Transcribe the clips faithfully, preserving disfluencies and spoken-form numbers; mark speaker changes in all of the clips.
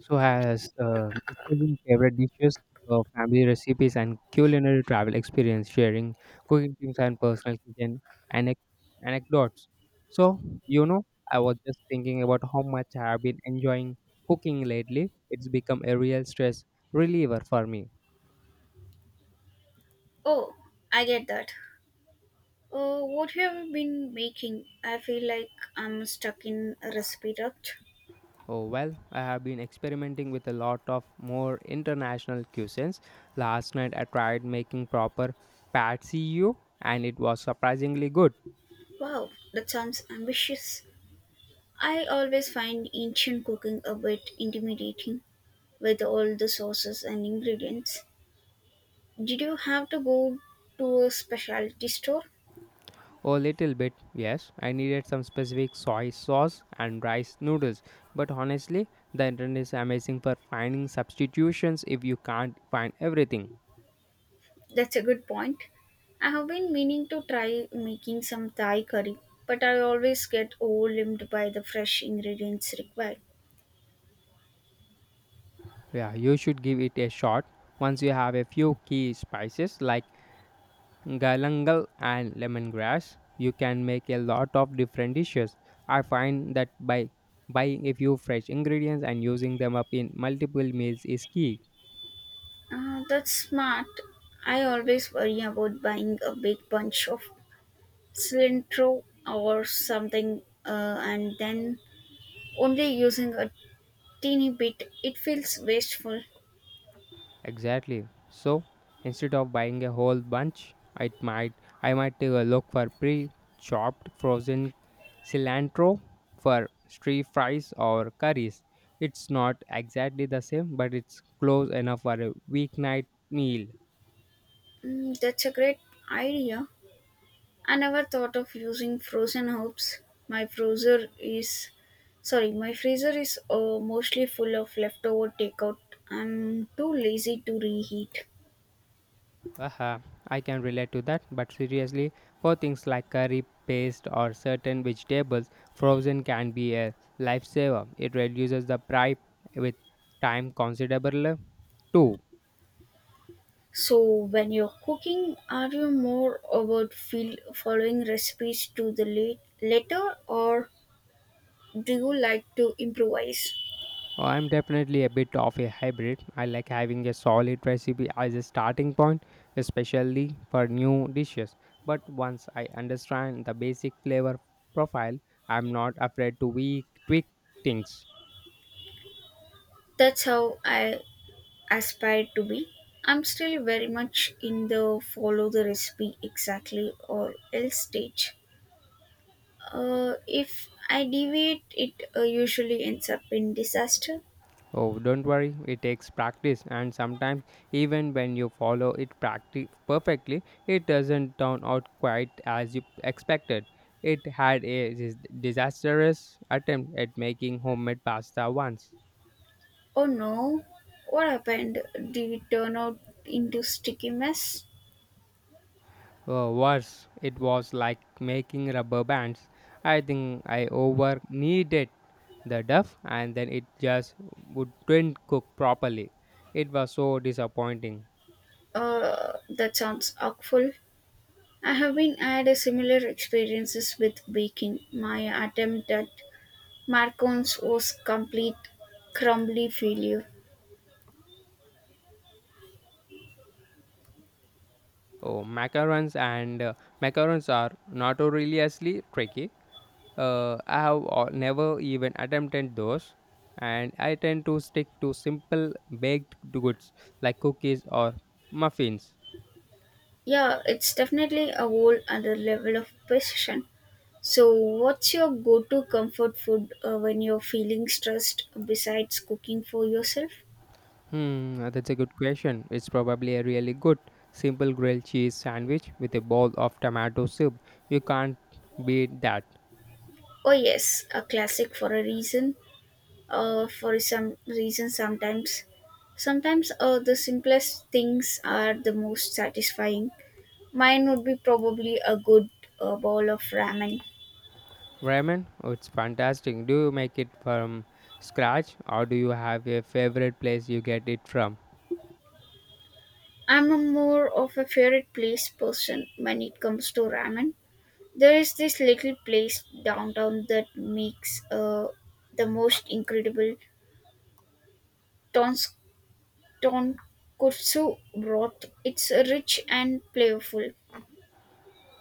Speaker 1: So, has uh, discussing favorite dishes, uh, family recipes, and culinary travel experience, sharing cooking tips and personal kitchen anec- anecdotes. So, you know, I was just thinking about how much I have been enjoying cooking lately. It's become a real stress reliever for me.
Speaker 2: Oh, I get that. Uh, what have you been making? I feel like I'm stuck in a recipe rut.
Speaker 1: Oh, well, I have been experimenting with a lot of more international cuisines. Last night I tried making proper patsy and it was surprisingly good.
Speaker 2: Wow, that sounds ambitious. I always find ancient cooking a bit intimidating with all the sauces and ingredients. Did you have to go to a specialty store?
Speaker 1: A little bit, yes. I needed some specific soy sauce and rice noodles. But honestly, the internet is amazing for finding substitutions if you can't find everything.
Speaker 2: That's a good point. I have been meaning to try making some Thai curry, but I always get overwhelmed by the fresh ingredients required.
Speaker 1: Yeah, you should give it a shot. Once you have a few key spices like galangal and lemongrass, you can make a lot of different dishes. I find that by buying a few fresh ingredients and using them up in multiple meals is key.
Speaker 2: Uh, that's smart. I always worry about buying a big bunch of cilantro or something uh, and then only using a teeny bit. It feels wasteful.
Speaker 1: Exactly. So instead of buying a whole bunch, I might I might take a look for pre-chopped frozen cilantro for stir fries or curries. It's not exactly the same, but it's close enough for a weeknight meal.
Speaker 2: Mm, that's a great idea. I never thought of using frozen herbs. My freezer is Sorry, my freezer is uh, mostly full of leftover takeout. I'm too lazy to reheat.
Speaker 1: Haha, I can relate to that, but seriously, for things like curry paste or certain vegetables, frozen can be a lifesaver. It reduces the price with time considerably too.
Speaker 2: So, when you're cooking, are you more about feel, following recipes to the late, letter or do you like to improvise?
Speaker 1: Oh, I'm definitely a bit of a hybrid. I like having a solid recipe as a starting point, especially for new dishes. But once I understand the basic flavor profile, I'm not afraid to we tweak things.
Speaker 2: That's how I aspire to be. I'm still very much in the follow the recipe exactly or else stage. Uh, if I deviate, it uh, usually ends up in disaster.
Speaker 1: Oh, don't worry, it takes practice, and sometimes even when you follow it practi- perfectly, it doesn't turn out quite as you expected. It had a dis- disastrous attempt at making homemade pasta once.
Speaker 2: Oh no, what happened? Did it turn out into sticky mess?
Speaker 1: Uh, worse, it was like making rubber bands. I think I over kneaded the duff and then it just wouldn't cook properly. It was so disappointing.
Speaker 2: Uh, that sounds awful. I haven't had a similar experiences with baking. My attempt at macarons was complete crumbly failure.
Speaker 1: Oh, macarons and uh, macarons are notoriously tricky. Uh, I have al- never even attempted those, and I tend to stick to simple baked goods like cookies or muffins.
Speaker 2: Yeah, it's definitely a whole other level of precision. So, what's your go-to comfort food uh, when you're feeling stressed besides cooking for yourself?
Speaker 1: Hmm, uh, that's a good question. It's probably a really good simple grilled cheese sandwich with a bowl of tomato soup. You can't beat that.
Speaker 2: Oh yes, a classic for a reason. Uh, for some reason, sometimes, sometimes uh, the simplest things are the most satisfying. Mine would be probably a good uh, bowl of ramen.
Speaker 1: Ramen, oh, it's fantastic. Do you make it from scratch or do you have a favorite place you get it from?
Speaker 2: I'm a more of a favorite place person when it comes to ramen. There is this little place downtown that makes uh, the most incredible tons- tonkotsu broth. It's rich and flavorful.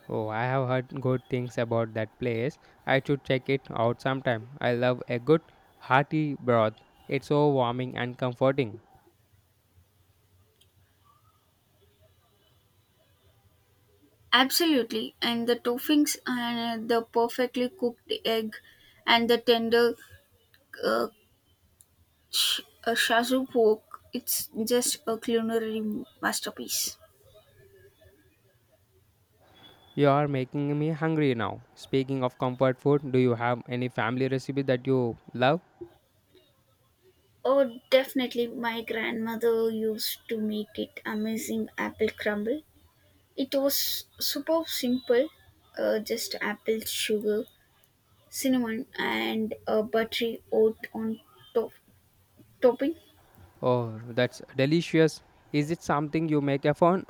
Speaker 1: Oh, I have heard good things about that place. I should check it out sometime. I love a good hearty broth. It's so warming and comforting.
Speaker 2: Absolutely, and the toppings and the perfectly cooked egg and the tender uh, Sh- uh, Shazu pork, it's just a culinary masterpiece.
Speaker 1: You are making me hungry now. Speaking of comfort food, do you have any family recipe that you love?
Speaker 2: Oh, definitely. My grandmother used to make it amazing apple crumble. It was super simple, uh, just apple, sugar, cinnamon, and a buttery oat on top topping.
Speaker 1: Oh, that's delicious. Is it something you make upon?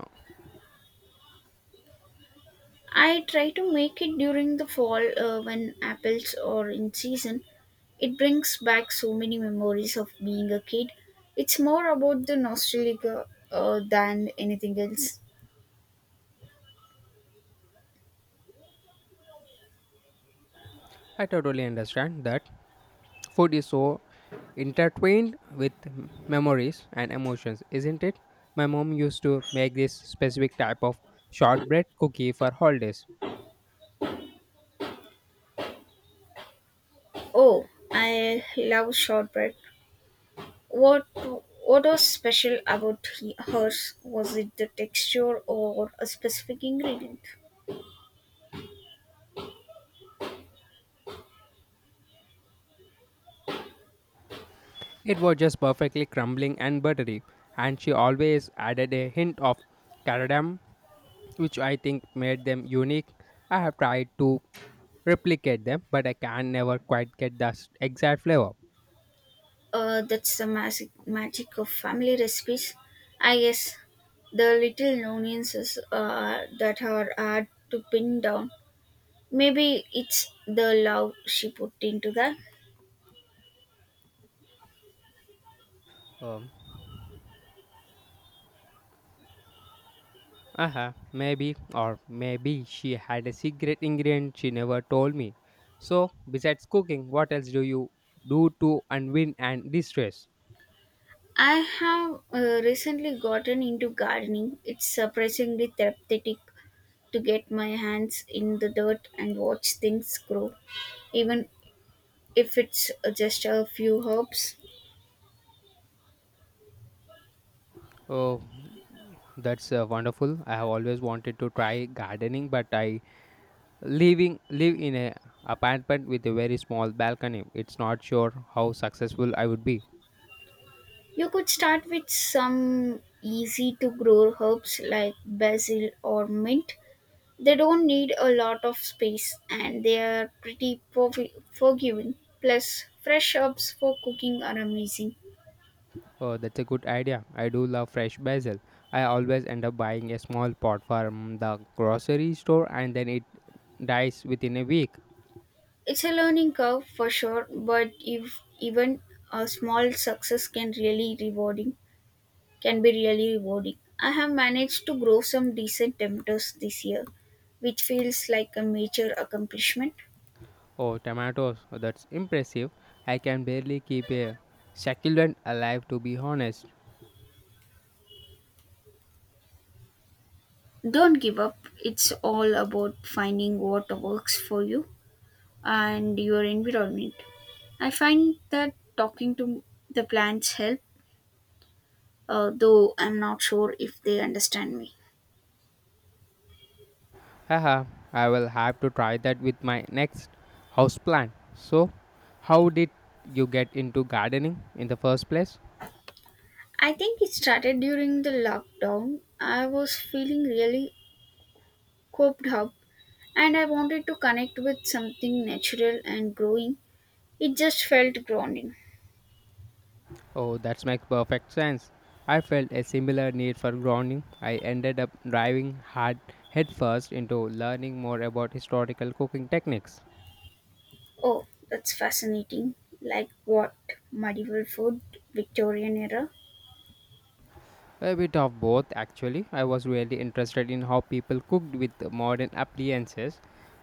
Speaker 2: I try to make it during the fall uh, when apples are in season. It brings back so many memories of being a kid. It's more about the nostalgia uh, than anything else.
Speaker 1: I totally understand that food is so intertwined with memories and emotions, isn't it? My mom used to make this specific type of shortbread cookie for holidays.
Speaker 2: Oh, I love shortbread. What what was special about he- hers? Was it the texture or a specific ingredient?
Speaker 1: It was just perfectly crumbling and buttery, and she always added a hint of cardamom which I think made them unique. I have tried to replicate them, but I can never quite get the s- exact flavor.
Speaker 2: Uh, that's the magic magic of family recipes, I guess. The little nuances uh, that are hard to pin down. Maybe it's the love she put into that.
Speaker 1: Um, uh maybe, or maybe she had a secret ingredient she never told me. So, besides cooking, what else do you do to unwind and distress?
Speaker 2: I have uh, recently gotten into gardening. It's surprisingly therapeutic to get my hands in the dirt and watch things grow, even if it's uh, just a few herbs.
Speaker 1: Oh, that's uh, wonderful. I have always wanted to try gardening, but I living live in a apartment with a very small balcony. It's not sure how successful I would be.
Speaker 2: You could start with some easy to grow herbs like basil or mint. They don't need a lot of space and they are pretty forgi- forgiving. Plus, fresh herbs for cooking are amazing.
Speaker 1: Oh, that's a good idea. I do love fresh basil. I always end up buying a small pot from the grocery store and then it dies within a week.
Speaker 2: It's a learning curve for sure, but if even a small success can really rewarding can be really rewarding. I have managed to grow some decent tomatoes this year, which feels like a major accomplishment.
Speaker 1: Oh, tomatoes. Oh, that's impressive. I can barely keep a succulent alive to be honest.
Speaker 2: Don't give up. It's all about finding what works for you and your environment. I find that talking to the plants help, uh, though I'm not sure if they understand me.
Speaker 1: Haha, I will have to try that with my next houseplant. So, how did you get into gardening in the first place?
Speaker 2: I think it started during the lockdown. I was feeling really cooped up and I wanted to connect with something natural and growing. It just felt grounding.
Speaker 1: Oh, that makes perfect sense. I felt a similar need for grounding. I ended up driving hard headfirst into learning more about historical cooking techniques.
Speaker 2: Oh, that's fascinating. Like what? Medieval food, Victorian era?
Speaker 1: A bit of both, actually. I was really interested in how people cooked with modern appliances.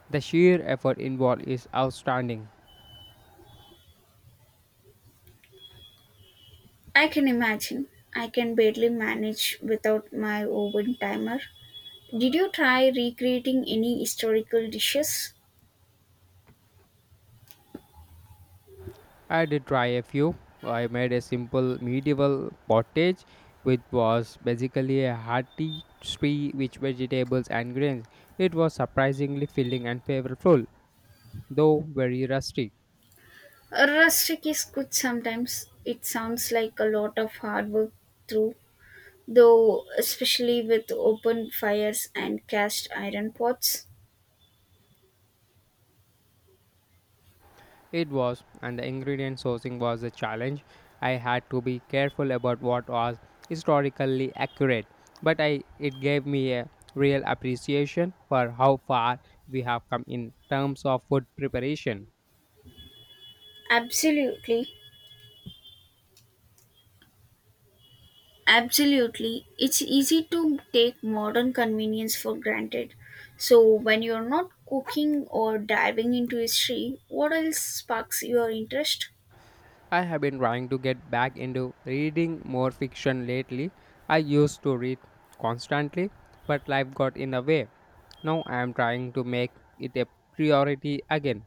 Speaker 1: The sheer effort involved is outstanding.
Speaker 2: I can imagine. I can barely manage without my oven timer. Did you try recreating any historical dishes?
Speaker 1: I did try a few. I made a simple medieval pottage, which was basically a hearty stew with vegetables and grains. It was surprisingly filling and flavorful, though very rustic.
Speaker 2: Rustic is good sometimes. It sounds like a lot of hard work through, though, especially with open fires and cast iron pots.
Speaker 1: It was, and the ingredient sourcing was a challenge. I had to be careful about what was historically accurate, but I it gave me a real appreciation for how far we have come in terms of food preparation.
Speaker 2: Absolutely. Absolutely. It's easy to take modern convenience for granted. So, when you're not cooking or diving into history, what else sparks your interest?
Speaker 1: I have been trying to get back into reading more fiction lately. I used to read constantly, but life got in the way. Now I am trying to make it a priority again.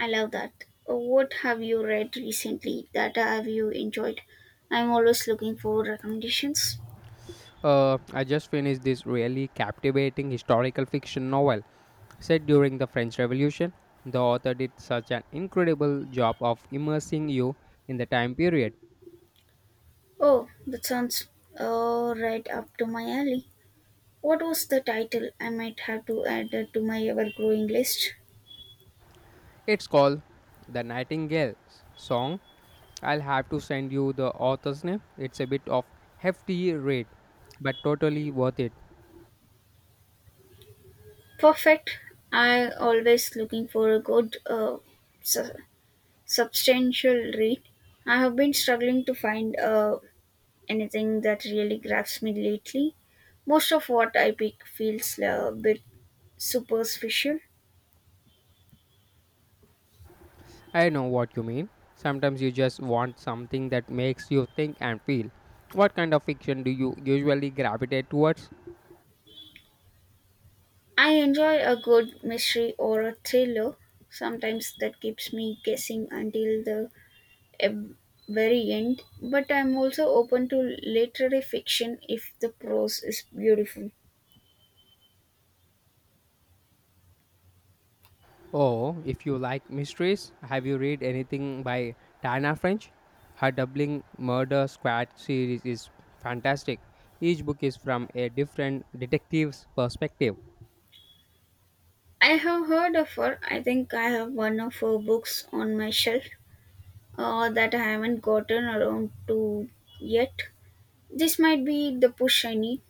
Speaker 2: I love that. Uh, What have you read recently that have you enjoyed? I'm always looking for recommendations.
Speaker 1: Uh, I just finished this really captivating historical fiction novel set during the French Revolution. The author did such an incredible job of immersing you in the time period.
Speaker 2: Oh, that sounds uh, right up to my alley. What was the title? I might have to add it to my ever growing list.
Speaker 1: It's called The Nightingale's Song. I'll have to send you the author's name. It's a bit of hefty read, but totally worth it.
Speaker 2: Perfect. I always looking for a good, uh, su- substantial read. I have been struggling to find uh, anything that really grabs me lately. Most of what I pick feels a bit superficial.
Speaker 1: I know what you mean. Sometimes you just want something that makes you think and feel. What kind of fiction do you usually gravitate towards?
Speaker 2: I enjoy a good mystery or a thriller. Sometimes that keeps me guessing until the e- very end. But I'm also open to literary fiction if the prose is beautiful.
Speaker 1: Oh, if you like mysteries, have you read anything by Diana French? Her Doubling Murder Squad series is fantastic. Each book is from a different detective's perspective.
Speaker 2: I have heard of her. I think I have one of her books on my shelf uh, that I haven't gotten around to yet. This might be the push I need.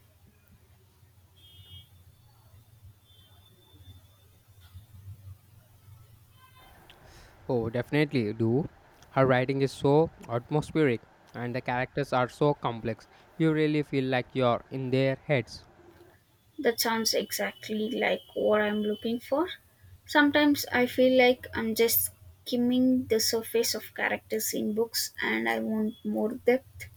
Speaker 1: Oh, definitely do. Her writing is so atmospheric and the characters are so complex. You really feel like you're in their heads.
Speaker 2: That sounds exactly like what I'm looking for. Sometimes I feel like I'm just skimming the surface of characters in books and I want more depth.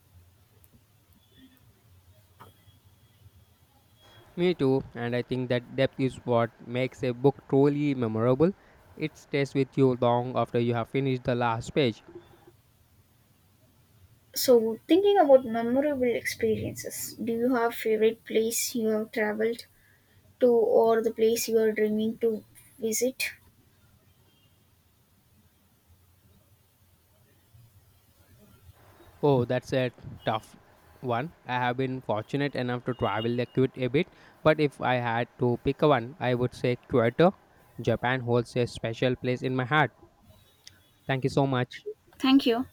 Speaker 1: Me too, and I think that depth is what makes a book truly memorable. It stays with you long after you have finished the last page.
Speaker 2: So, thinking about memorable experiences, do you have favorite place you have traveled to or the place you are dreaming to visit?
Speaker 1: Oh, that's a tough one. I have been fortunate enough to travel the quite a bit, but if I had to pick one, I would say Kyoto. Japan holds a special place in my heart. Thank you so much.
Speaker 2: Thank you.